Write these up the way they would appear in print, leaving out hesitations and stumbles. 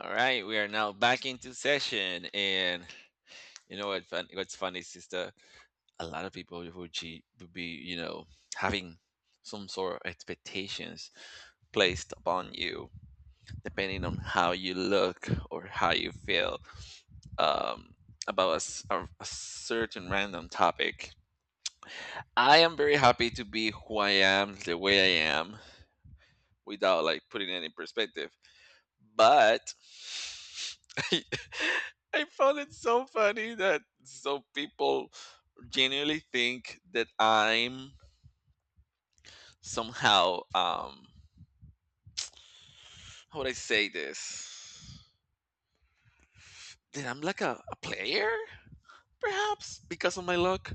All right, we are now back into session, and you know what? Fun, what's funny is just a lot of people who cheat would be, you know, having some sort of expectations placed upon you, depending on how you look or how you feel um, about a certain random topic. I am very happy to be who I am, the way I am, without like putting any perspective. But I, I found it so funny that so people genuinely think that I'm somehow how would I say this? That I'm like a player, perhaps because of my look.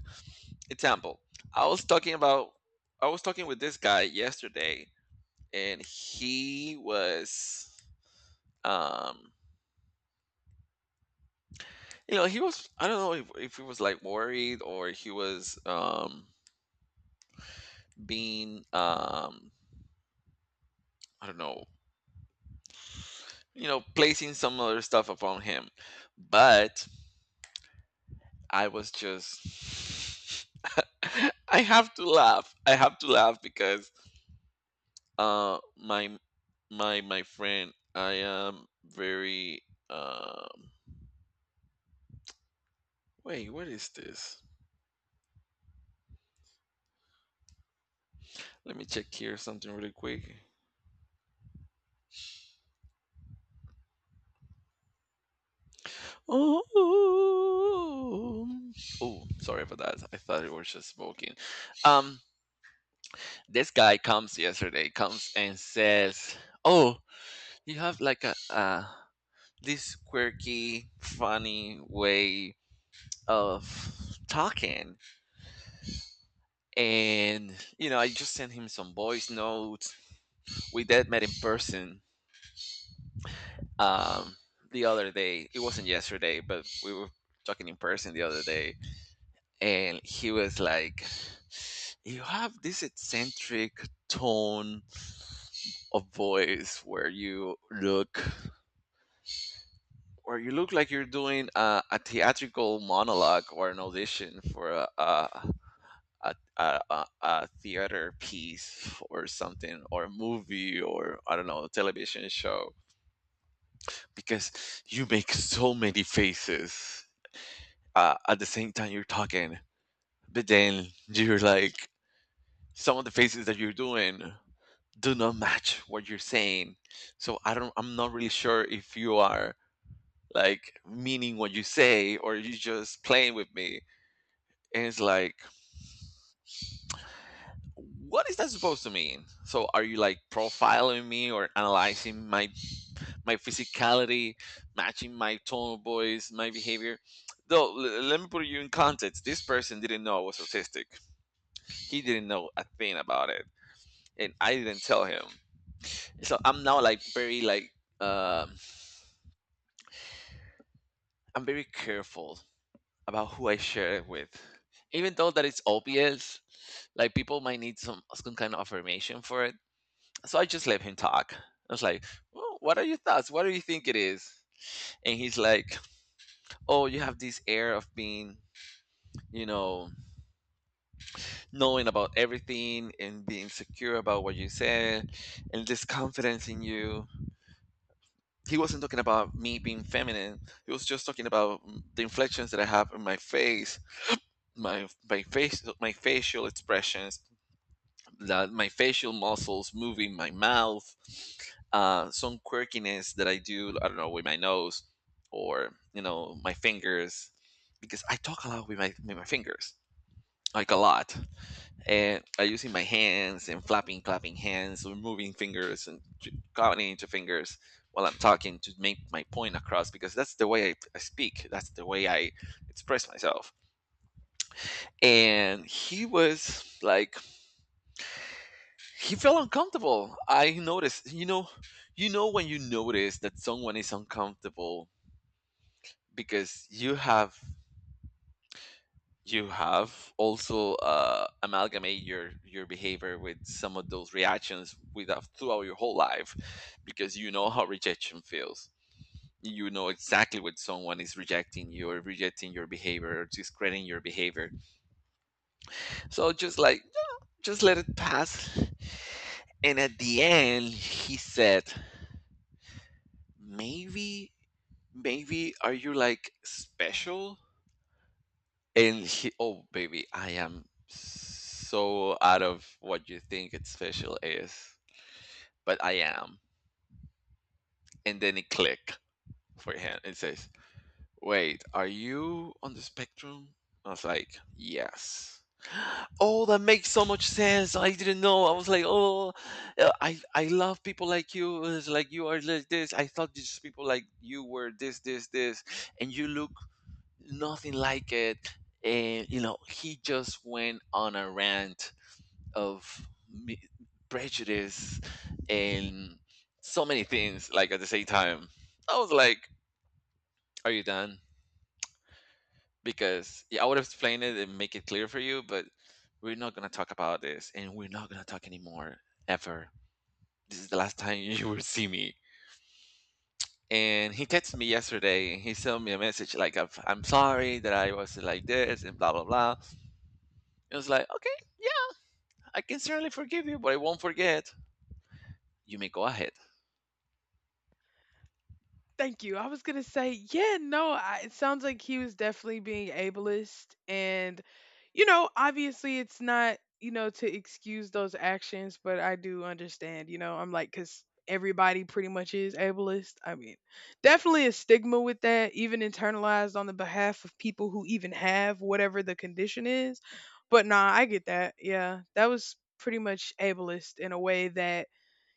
Example. I was talking about I was talking with this guy yesterday and he was um you know he was I don't know if he was like worried or he was being I don't know you know placing some other stuff upon him but I was just I have to laugh because uh my my friend I am very um wait what is this let me check here something really quick oh oh sorry for that I thought it was just smoking um this guy comes yesterday comes and says oh you have like a this quirky funny way of talking and you know I just sent him some voice notes we did met in person um the other day it wasn't yesterday but we were talking in person the other day and he was like you have this eccentric tone of voice where you look like you're doing a theatrical monologue or an audition for a a theater piece or something or a movie or I don't know a television show because you make so many faces at the same time you're talking but then you're like some of the faces that you're doing do not match what you're saying so I'm not really sure if you are like meaning what you say or you just playing with me. And it's like, what is that supposed to mean? So are you like profiling me or analyzing my physicality, matching my tone of voice, my behavior? Though let me put you in context. This person didn't know I was autistic. He didn't know a thing about it, and I didn't tell him. So I'm now like very like um I'm very careful about who I share it with, even though that it's obvious. Like people might need some kind of affirmation for it so I just let him talk. I was like, well, "What are your thoughts? What do you think it is?" And he's like, "Oh, you have this air of being, you know, knowing about everything and being secure about what you said, and this confidence in you." He wasn't talking about me being feminine. He was just talking about the inflections that I have in my face, my face, my facial expressions, that my facial muscles moving my mouth some quirkiness that I do I don't know with my nose or you know my fingers because I talk a lot with my fingers like a lot and I using my hands and flapping clapping hands or moving fingers and counting into fingers while I'm talking to make my point across because that's the way I speak that's the way I express myself and he was like he felt uncomfortable. I noticed, you know when you notice that someone is uncomfortable because you have also amalgamate your behavior with some of those reactions without throughout your whole life because you know how rejection feels. You know exactly when someone is rejecting you or rejecting your behavior or discrediting your behavior. So just like just let it pass. And at the end, he said, maybe Maybe are you like special? And he, oh, baby, I am so out of what you think it's special is, but I am. And then it click for him. It says, wait, are you on the spectrum? I was like, yes. Oh, that makes so much sense. I didn't know. I was like, oh, I love people like you. It's like you are like this. I thought these people like you were this, this, this, and you look nothing like it and you know he just went on a rant of prejudice and so many things like at the same time I was like are you done because yeah I would explain it and make it clear for you but we're not gonna talk about this and we're not gonna talk anymore ever this is the last time you will see me and he texted me yesterday and he sent me a message like I'm sorry that I was like this and blah blah blah it was like okay. I can certainly forgive you, but I won't forget. You may go ahead. Thank you. I was gonna say, yeah, no, it sounds like he was definitely being ableist, and you know, obviously, it's not to excuse those actions, but I do understand. You know, I'm like, cause everybody pretty much is ableist. I mean, definitely a stigma with that, even internalized on the behalf of people who even have whatever the condition is. But nah, I get that. Yeah, that was pretty much ableist in a way that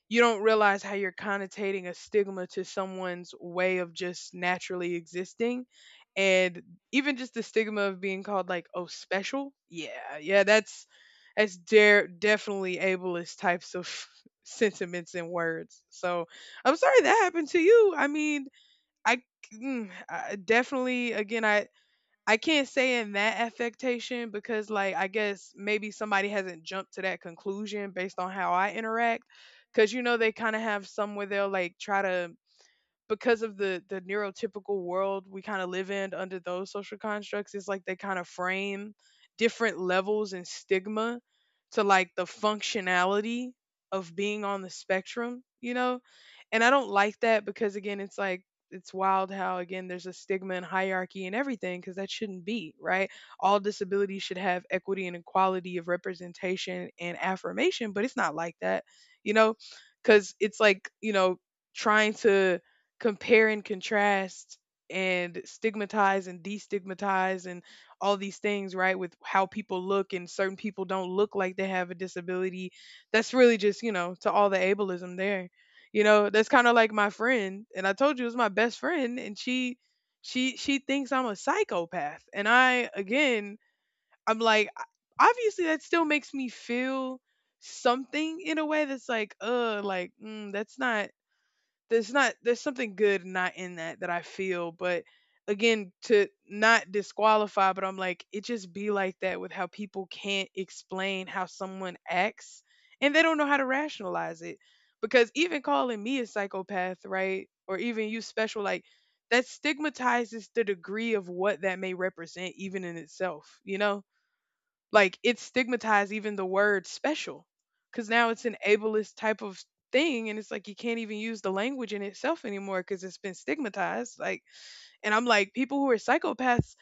you don't realize how you're connotating a stigma to someone's way of just naturally existing, and even just the stigma of being called like, oh, special. Yeah, yeah, that's dare definitely ableist types of sentiments and words. So I'm sorry that happened to you. I mean, i, I definitely, again, I can't say in that affectation because, like, I guess maybe somebody hasn't jumped to that conclusion based on how I interact. Cause you know, they kind of have some where they'll like try to, because of the neurotypical world we kind of live in under those social constructs, it's like they kind of frame different levels and stigma to like the functionality of being on the spectrum, you know? And I don't like that, because again, it's like it's wild how, again, there's a stigma and hierarchy and everything, because that shouldn't be right. All disabilities should have equity and equality of representation and affirmation, but it's not like that, you know? Because it's like, you know, trying to compare and contrast and stigmatize and destigmatize and all these things, right? With how people look and certain people don't look like they have a disability. That's really just, you know, to all the ableism there. You know, that's kind of like my friend, and I told you it was my best friend, and she thinks I'm a psychopath. And I, again, I'm like, obviously that still makes me feel something in a way that's like, like, mm, that's not, there's not, there's something good not in that that I feel, but again, to not disqualify, but I'm like it just be like that with how people can't explain how someone acts and they don't know how to rationalize it. Because even calling me a psychopath, right? Or even you special, like that stigmatizes the degree of what that may represent even in itself, you know? Like, it stigmatized even the word special, because now it's an ableist type of thing. And it's like you can't even use the language in itself anymore because it's been stigmatized. Like, and I'm like, people who are psychopaths,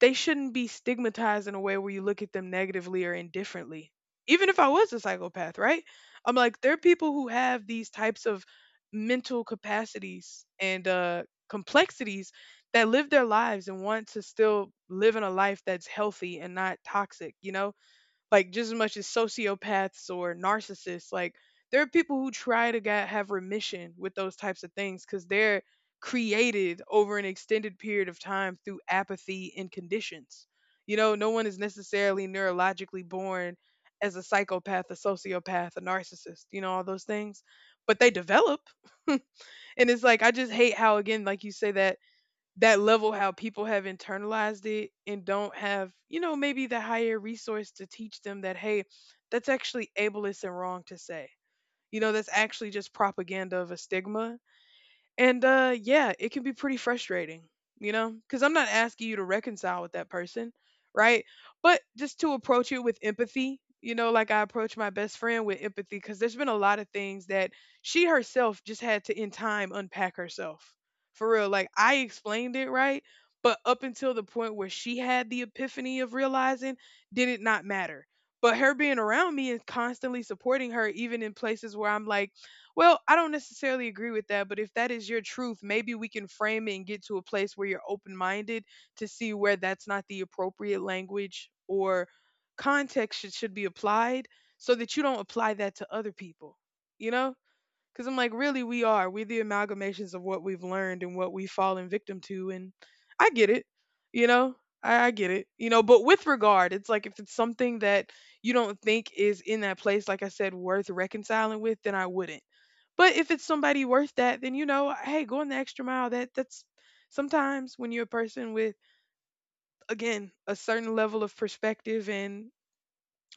they shouldn't be stigmatized in a way where you look at them negatively or indifferently. Even if I was a psychopath, right? I'm like, there are people who have these types of mental capacities and complexities that live their lives and want to still live in a life that's healthy and not toxic, you know? Like just as much as sociopaths or narcissists. Like, there are people who try to get, have remission with those types of things because they're created over an extended period of time through apathy and conditions. You know, no one is necessarily neurologically born as a psychopath, a sociopath, a narcissist, you know, all those things, but they develop. And it's like, I just hate how, again, like you say, that that level how people have internalized it and don't have, you know, maybe the higher resource to teach them that, hey, that's actually ableist and wrong to say. You know, that's actually just propaganda of a stigma, and yeah, it can be pretty frustrating, you know? Cuz I'm not asking you to reconcile with that person, right? But just to approach it with empathy, you know, like I approach my best friend with empathy, cuz there's been a lot of things that she herself just had to in time unpack herself. For real, like I explained it right, but up until the point where she had the epiphany of realizing, did it not matter? But her being around me and constantly supporting her, even in places where I'm like, well, I don't necessarily agree with that, but if that is your truth, maybe we can frame it and get to a place where you're open minded to see where that's not the appropriate language or context should be applied so that you don't apply that to other people, you know? Because I'm like, really, we are. We're the amalgamations of what we've learned and what we've fallen victim to. And I get it, you know? I get it, you know? But with regard, it's like if it's something that you don't think is in that place, like I said, worth reconciling with, then I wouldn't. But if it's somebody worth that, then you know, hey, going the extra mile. That's sometimes when you're a person with, again, a certain level of perspective and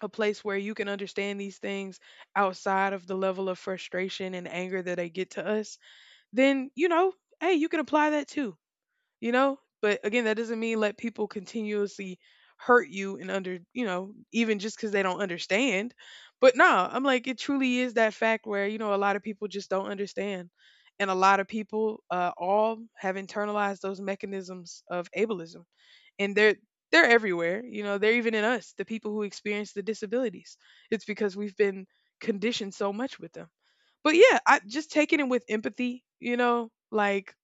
a place where you can understand these things outside of the level of frustration and anger that they get to us, then you know, hey, you can apply that too, you know? But again, that doesn't mean let people continuously hurt you and under, you know, even just because they don't understand. But no, I'm like, it truly is that fact where you know a lot of people just don't understand, and a lot of people, all have internalized those mechanisms of ableism, and they're everywhere. You know, they're even in us, the people who experience the disabilities. It's because we've been conditioned so much with them. But yeah, I just taking it with empathy, you know? Like,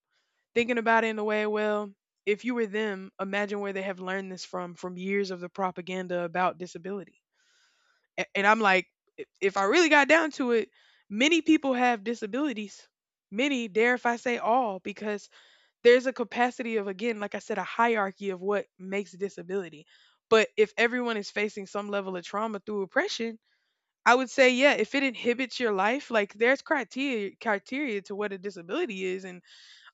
thinking about it in the way, well, if you were them, imagine where they have learned this from years of the propaganda about disability. And I'm like, if I really got down to it, many people have disabilities. Many, dare if I say all, because there's a capacity of, again, like I said, a hierarchy of what makes disability. But if everyone is facing some level of trauma through oppression, I would say, yeah, if it inhibits your life, like there's criteria to what a disability is, and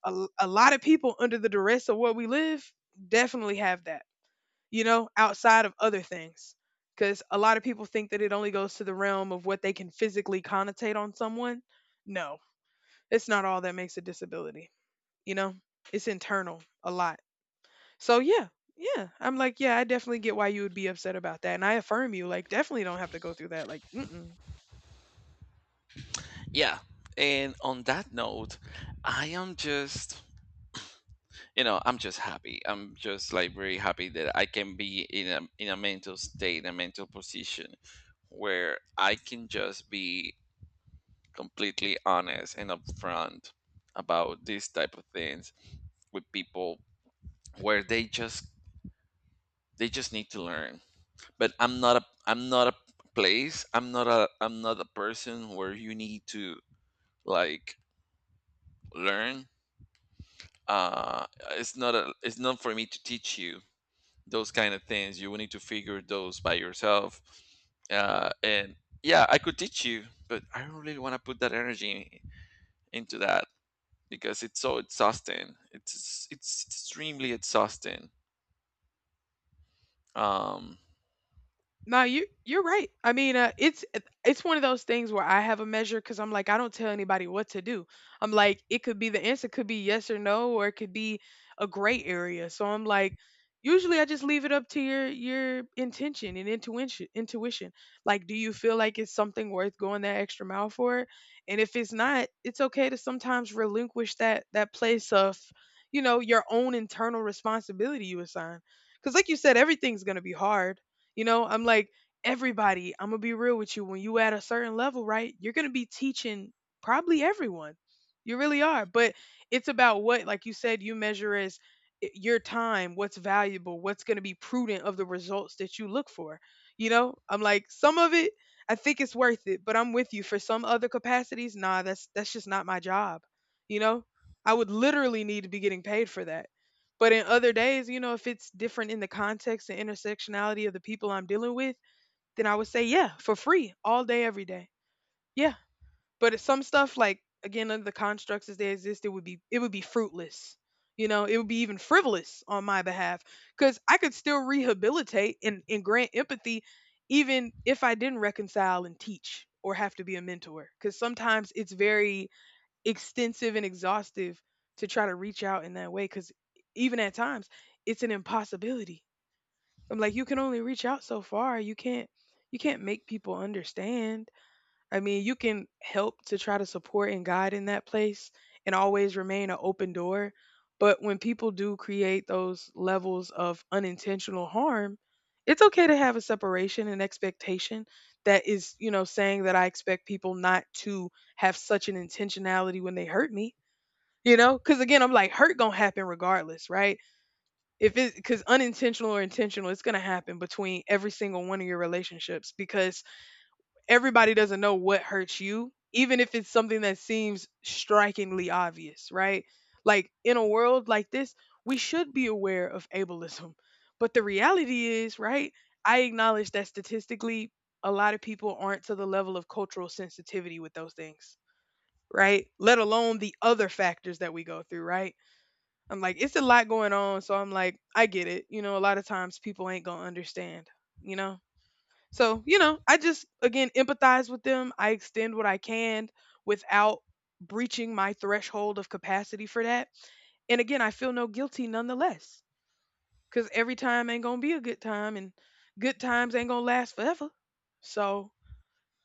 a lot of people under the duress of what we live definitely have that, you know, outside of other things. Because a lot of people think that it only goes to the realm of what they can physically connotate on someone. No, it's not all that makes a disability, you know, it's internal a lot. So, yeah, yeah, I'm like, yeah, I definitely get why you would be upset about that. And I affirm you, like, definitely don't have to go through that. Like, mm. Yeah. And on that note, I am just, you know, I'm just happy. I'm just like very happy that I can be in a mental state, a mental position where I can just be completely honest and upfront about these type of things with people where they just need to learn. But I'm not a place. I'm not a person where you need to like learn uh it's not for me to teach you those kind of things you will need to figure those by yourself and yeah I could teach you but I don't really want to put that energy into that because it's so exhausting it's extremely exhausting um No, you you're right. I mean, it's one of those things where I have a measure because I'm like, I don't tell anybody what to do. I'm like, it could be the answer could be yes or no, or it could be a gray area. So I'm like, usually I just leave it up to your intention and intuition. Intuition, like, do you feel like it's something worth going that extra mile for? And if it's not, it's okay to sometimes relinquish that place of, you know, your own internal responsibility you assign. Because like you said, everything's gonna be hard, you know? I'm like, everybody, I'm gonna be real with you. When you at a certain level, right, you're gonna be teaching probably everyone. You really are. But it's about what, like you said, you measure as your time, what's valuable, what's gonna be prudent of the results that you look for. You know, I'm like, some of it, I think it's worth it, but I'm with you. For some other capacities, nah, that's just not my job. You know? I would literally need to be getting paid for that. But in other days, you know, if it's different in the context and intersectionality of the people I'm dealing with, then I would say, yeah, for free, all day, every day. Yeah. But it's some stuff like, again, under the constructs as they exist, it would be fruitless. You know, it would be even frivolous on my behalf. Cause I could still rehabilitate and grant empathy even if I didn't reconcile and teach or have to be a mentor. Cause sometimes it's very extensive and exhaustive to try to reach out in that way because even at times it's an impossibility. I'm like, you can only reach out so far. You can't you can't make people understand. I mean, you can help to try to support and guide in that place and always remain an open door. But when people do create those levels of unintentional harm, it's okay to have a separation and expectation, that is saying that I expect people not to have such an intentionality when they hurt me, because again, I'm like, hurt gonna happen regardless, right? If it because unintentional or intentional, it's gonna happen between every single one of your relationships because everybody doesn't know what hurts you, even if it's something that seems strikingly obvious, right? Like in a world like this, we should be aware of ableism. But the reality is, right? I acknowledge that statistically, a lot of people aren't to the level of cultural sensitivity with those things, right? Let alone the other factors that we go through, right? I'm like, it's a lot going on. So I'm like, I get it. You know, a lot of times people ain't going to understand, you know? So, you know, I just, again, empathize with them. I extend what I can without breaching my threshold of capacity for that. And again, I feel no guilty nonetheless because every time ain't going to be a good time and good times ain't going to last forever. So,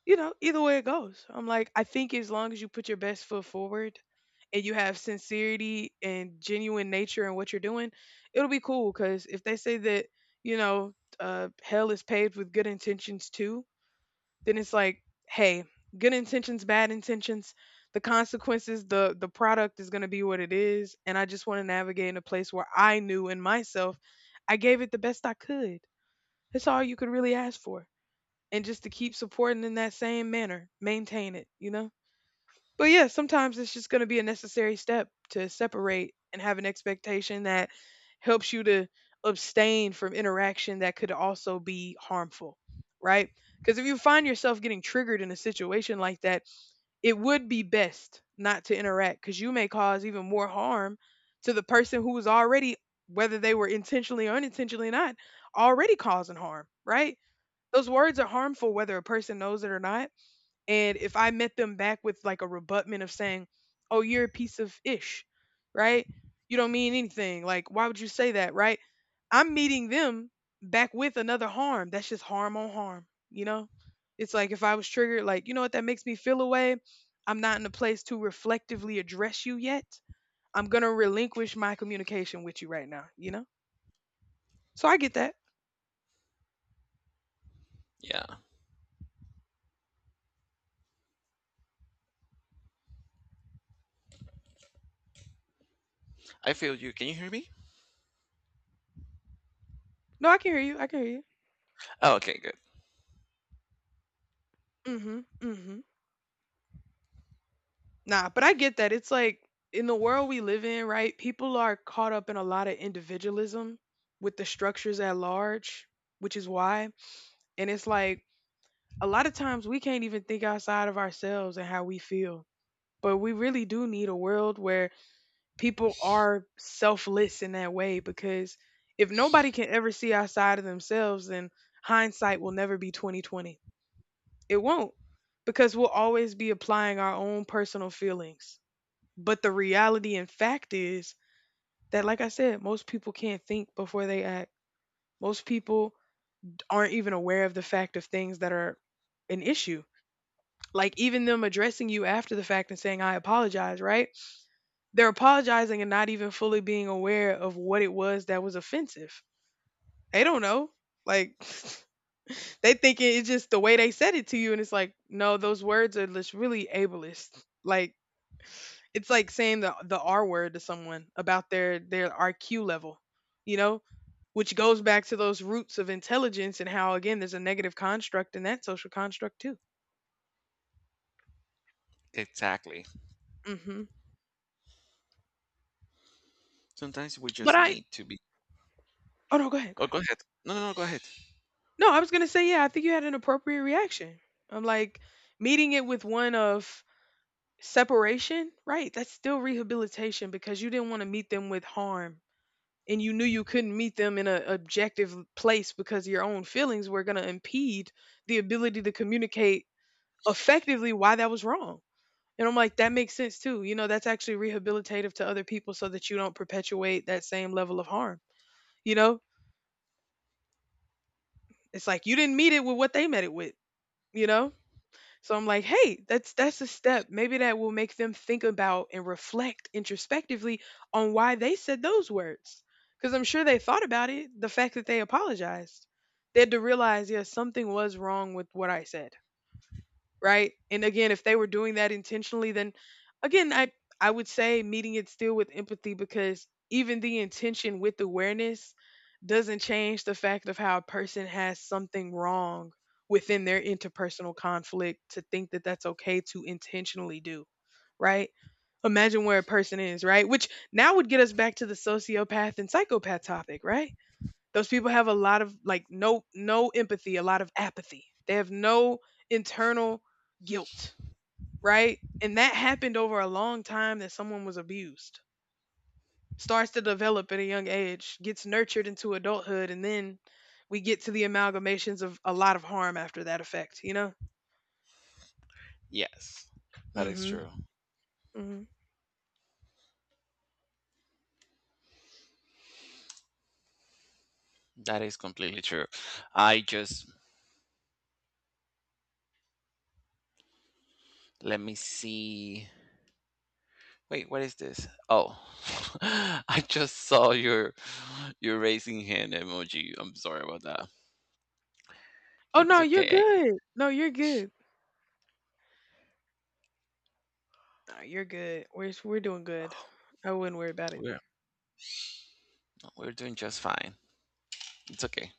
you know, either way it goes. I'm like, I think as long as you put your best foot forward and you have sincerity and genuine nature in what you're doing, it'll be cool. Because if they say that, you know, hell is paved with good intentions too, then it's like, hey, good intentions, bad intentions, the consequences, the product is going to be what it is. And I just want to navigate in a place where I knew in myself, I gave it the best I could. That's all you could really ask for, and just to keep supporting in that same manner, maintain it, you know? But yeah, sometimes it's just going to be a necessary step to separate and have an expectation that helps you to abstain from interaction that could also be harmful, right? Because if you find yourself getting triggered in a situation like that, it would be best not to interact because you may cause even more harm to the person who was already, whether they were intentionally or unintentionally not, already causing harm, right? Those words are harmful whether a person knows it or not. And if I met them back with like a rebutment of saying, "Oh, you're a piece of ish," right? You don't mean anything. Like, why would you say that, right? I'm meeting them back with another harm. That's just harm on harm, you know? It's like if I was triggered, like, you know what, that makes me feel away. I'm not in a place to reflectively address you yet. I'm gonna relinquish my communication with you right now, you know? So I get that. yeah I feel you can you hear me No, I can hear you. I can hear you. oh, okay good. Mm-hmm. Mm-hmm. Nah, but I get that. It's like in the world we live in, right? People are caught up in a lot of individualism with the structures at large, which is why. And it's like a lot of times we can't even think outside of ourselves and how we feel. But we really do need a world where people are selfless in that way because if nobody can ever see outside of themselves, then hindsight will never be 2020. It won't, because we'll always be applying our own personal feelings. But the reality and fact is that, like I said, most people can't think before they act. Most people aren't even aware of the fact of things that are an issue. Like even them addressing you after the fact and saying, I apologize, right? They're apologizing and not even fully being aware of what it was that was offensive. They don't know. Like they think it's just the way they said it to you. And it's like, no, those words are just really ableist. Like, it's like saying the R word to someone about their IQ level, you know, which goes back to those roots of intelligence and how again there's a negative construct in that social construct too. Exactly, Hmm. sometimes we But just I need to be. oh no, go ahead, go Oh ahead. go ahead no go ahead. No, I was gonna say yeah. I think you had an appropriate reaction. I'm like meeting it with one of separation, right? That's still rehabilitation because you didn't want to meet them with harm and you knew you couldn't meet them in an objective place because your own feelings were going to impede the ability to communicate effectively why that was wrong. And I'm like, that makes sense too. You know, that's actually rehabilitative to other people so that you don't perpetuate that same level of harm. You know, it's like you didn't meet it with what they met it with, you know? So I'm like, hey, that's a step. Maybe that will make them think about and reflect introspectively on why they said those words. Because I'm sure they thought about it, the fact that they apologized. They had to realize, yeah, something was wrong with what I said, right? And again, if they were doing that intentionally, then again, I would say meeting it still with empathy because even the intention with awareness doesn't change the fact of how a person has something wrong within their interpersonal conflict to think that that's okay to intentionally do, right? Imagine where a person is, right? Which now would get us back to the sociopath and psychopath topic, right? Those people have a lot of like no empathy, a lot of apathy. They have no internal guilt, right? And that happened over a long time that someone was abused. Starts to develop at a young age, gets nurtured into adulthood, and then we get to the amalgamations of a lot of harm after that effect, you know? Yes, that is Hmm. true. Hmm. That is completely true. I just let me see. Wait, what is this? Oh, I just saw your raising hand emoji. I'm sorry about that. Oh It's no, you're okay. good. No, you're good. No, you're good. We're doing good. I wouldn't worry about it. We're we're doing just fine. It's okay.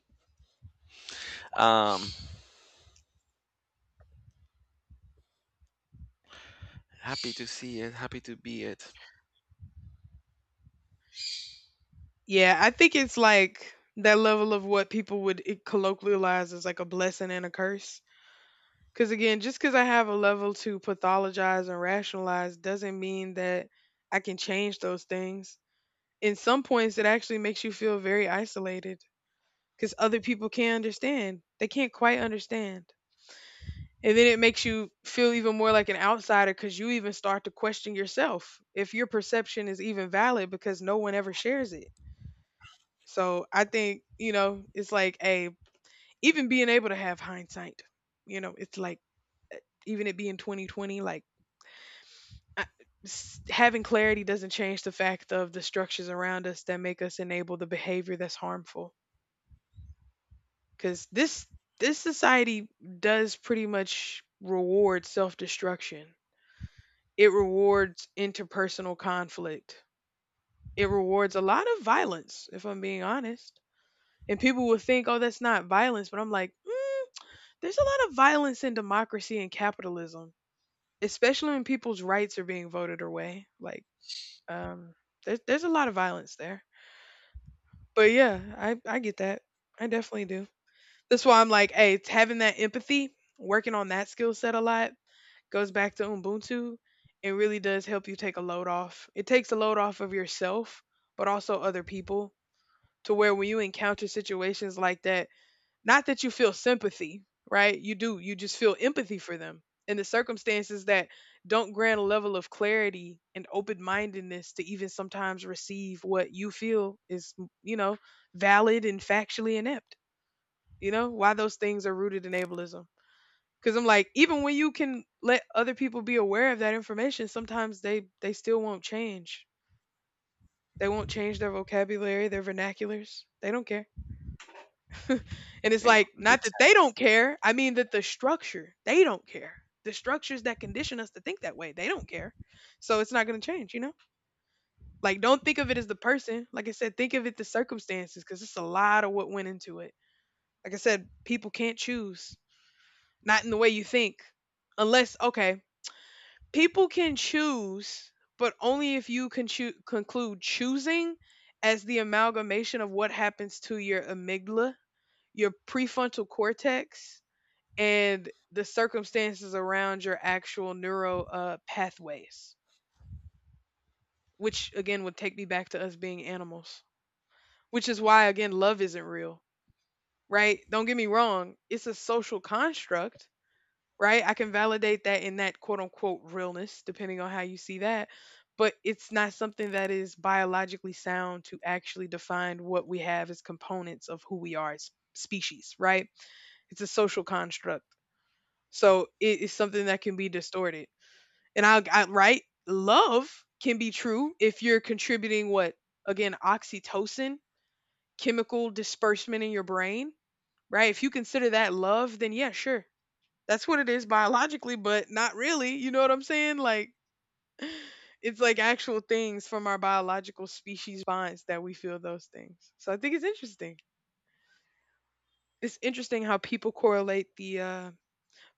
Um, happy to see it. Happy to be it. Yeah, I think it's like that level of what people would colloquialize as like a blessing and a curse. Because again, just because I have a level to pathologize and rationalize doesn't mean that I can change those things. In some points, it actually makes you feel very isolated because other people can't understand. They can't quite understand. And then it makes you feel even more like an outsider because you even start to question yourself if your perception is even valid because no one ever shares it. So I think, you know, it's like a, even being able to have hindsight, you know, it's like uh, even it being 2020, like I, having clarity doesn't change the fact of the structures around us that make us enable the behavior that's harmful. Because this society does pretty much reward self destruction. It rewards interpersonal conflict. It rewards a lot of violence, if I'm being honest. And people would think, oh, that's not violence. But I'm like, mm, there's a lot of violence in democracy and capitalism, especially when people's rights are being voted away. Like, um, there's a lot of violence there. But yeah, I get that. I definitely do. That's why I'm like, hey, it's having that empathy, working on that skill set a lot, goes back to Ubuntu. It really does help you take a load off. It takes a load off of yourself, but also other people, to where when you encounter situations like that, not that you feel sympathy, right? You do. You just feel empathy for them in the circumstances that don't grant a level of clarity and open-mindedness to even sometimes receive what you feel is, you know, valid and factually inept. You know, why those things are rooted in ableism. Cuz I'm like even when you can let other people be aware of that information, sometimes they still won't change. They won't change their vocabulary, their vernaculars. They don't care. And it's They like don't- not It's that they don't care. I mean that the structure they don't care. The structures that condition us to think that way, they don't care. So it's not going to change, you know? Like don't think of it as the person. Like I said, think of it the circumstances cuz it's a lot of what went into it. Like I said, people can't choose not in the way you think unless okay, people can choose, but only if you can conclude choosing as the amalgamation of what happens to your amygdala, your prefrontal cortex, and the circumstances around your actual neuro pathways, which again would take me back to us being animals, which is why, again, love isn't real, right? Don't get me wrong, it's a social construct, right? I can validate that in that quote unquote realness, depending on how you see that. But it's not something that is biologically sound to actually define what we have as components of who we are as species, right? It's a social construct. So it is something that can be distorted. And I right, love can be true if you're contributing what again oxytocin, chemical disbursement in your brain, right? If you consider that love, then yeah, sure, that's what it is biologically, but not really. You know what I'm saying? Like, it's like actual things from our biological species bonds that we feel those things. So I think it's interesting. It's interesting how people correlate the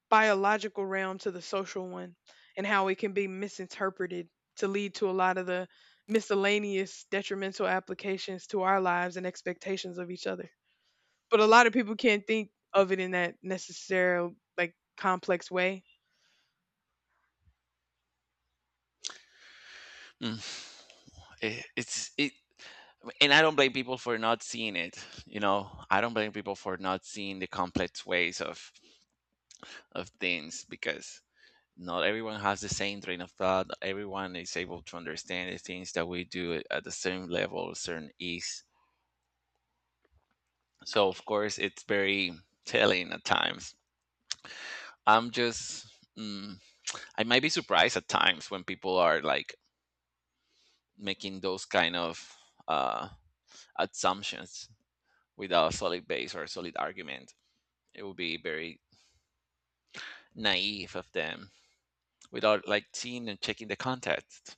biological realm to the social one and how it can be misinterpreted to lead to a lot of the miscellaneous detrimental applications to our lives and expectations of each other. But a lot of people can't think of it in that necessary like complex way. mm, it's it. And I don't blame people for not seeing it. You know, I don't blame people for not seeing the complex ways of things because not everyone has the same train of thought. Not everyone is able to understand the things that we do at the same level, certain ease. So of course, it's very telling at times. I'm just, mm, I might be surprised at times when people are like making those kind of uh, assumptions without a solid base or a solid argument. It would be very naive of them without like seeing and checking the context.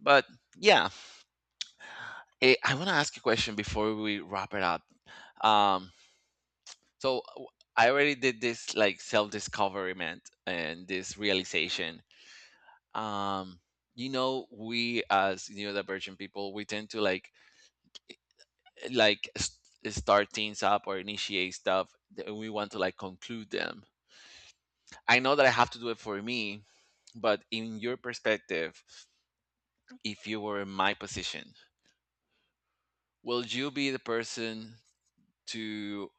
But yeah, I want to ask you a question before we wrap it up. Um, so I already did this like self discovery man, and this realization. Um, you know, we as neurodivergent people, we tend to like eh, like start things up or initiate stuff that we want to like conclude them. I know that I have to do it for me, but in your perspective, if you were in my position, will you be the person to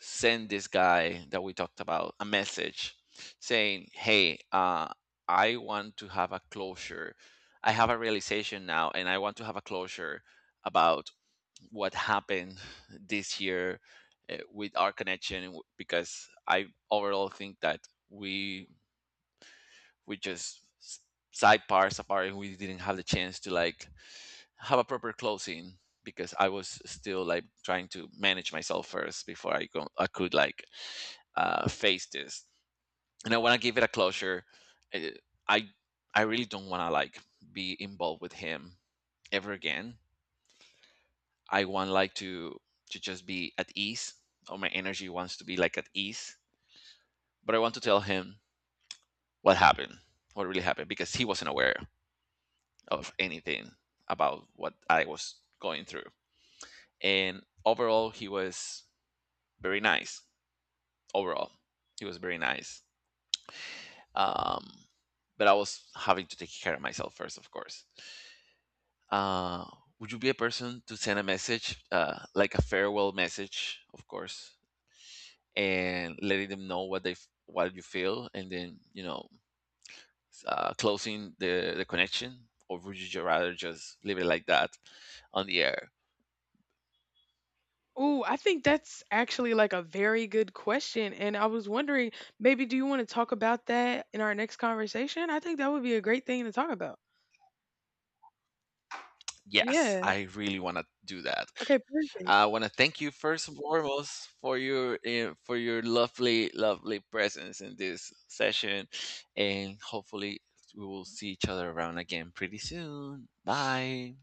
send this guy that we talked about a message saying, "Hey, I want to have a closure. I have a realization now, and I want to have a closure about what happened this year with our connection because I overall think that we we just side parts apart and we didn't have the chance to like have a proper closing because I was still like trying to manage myself first before I could like face this. And I want to give it a closure. Uh, I I really don't want to like be involved with him ever again. I want like to just be at ease, or my energy wants to be like at ease. But I want to tell him what happened, what really happened, because he wasn't aware of anything about what I was going through. And overall, he was very nice. Overall, he was very nice. Um, but I was having to take care of myself first, of course. Uh, would you be a person to send a message, like a farewell message, of course, and letting them know what they what you feel, and then you know closing the connection, or would you rather just leave it like that on the air? Ooh, I think that's actually like a very good question and I was wondering maybe do you want to talk about that in our next conversation? I think that would be a great thing to talk about. Yes, Yeah. I really want to do that. Okay, perfect. I want to thank you first and foremost for your lovely presence in this session, and hopefully we will see each other around again pretty soon. Bye.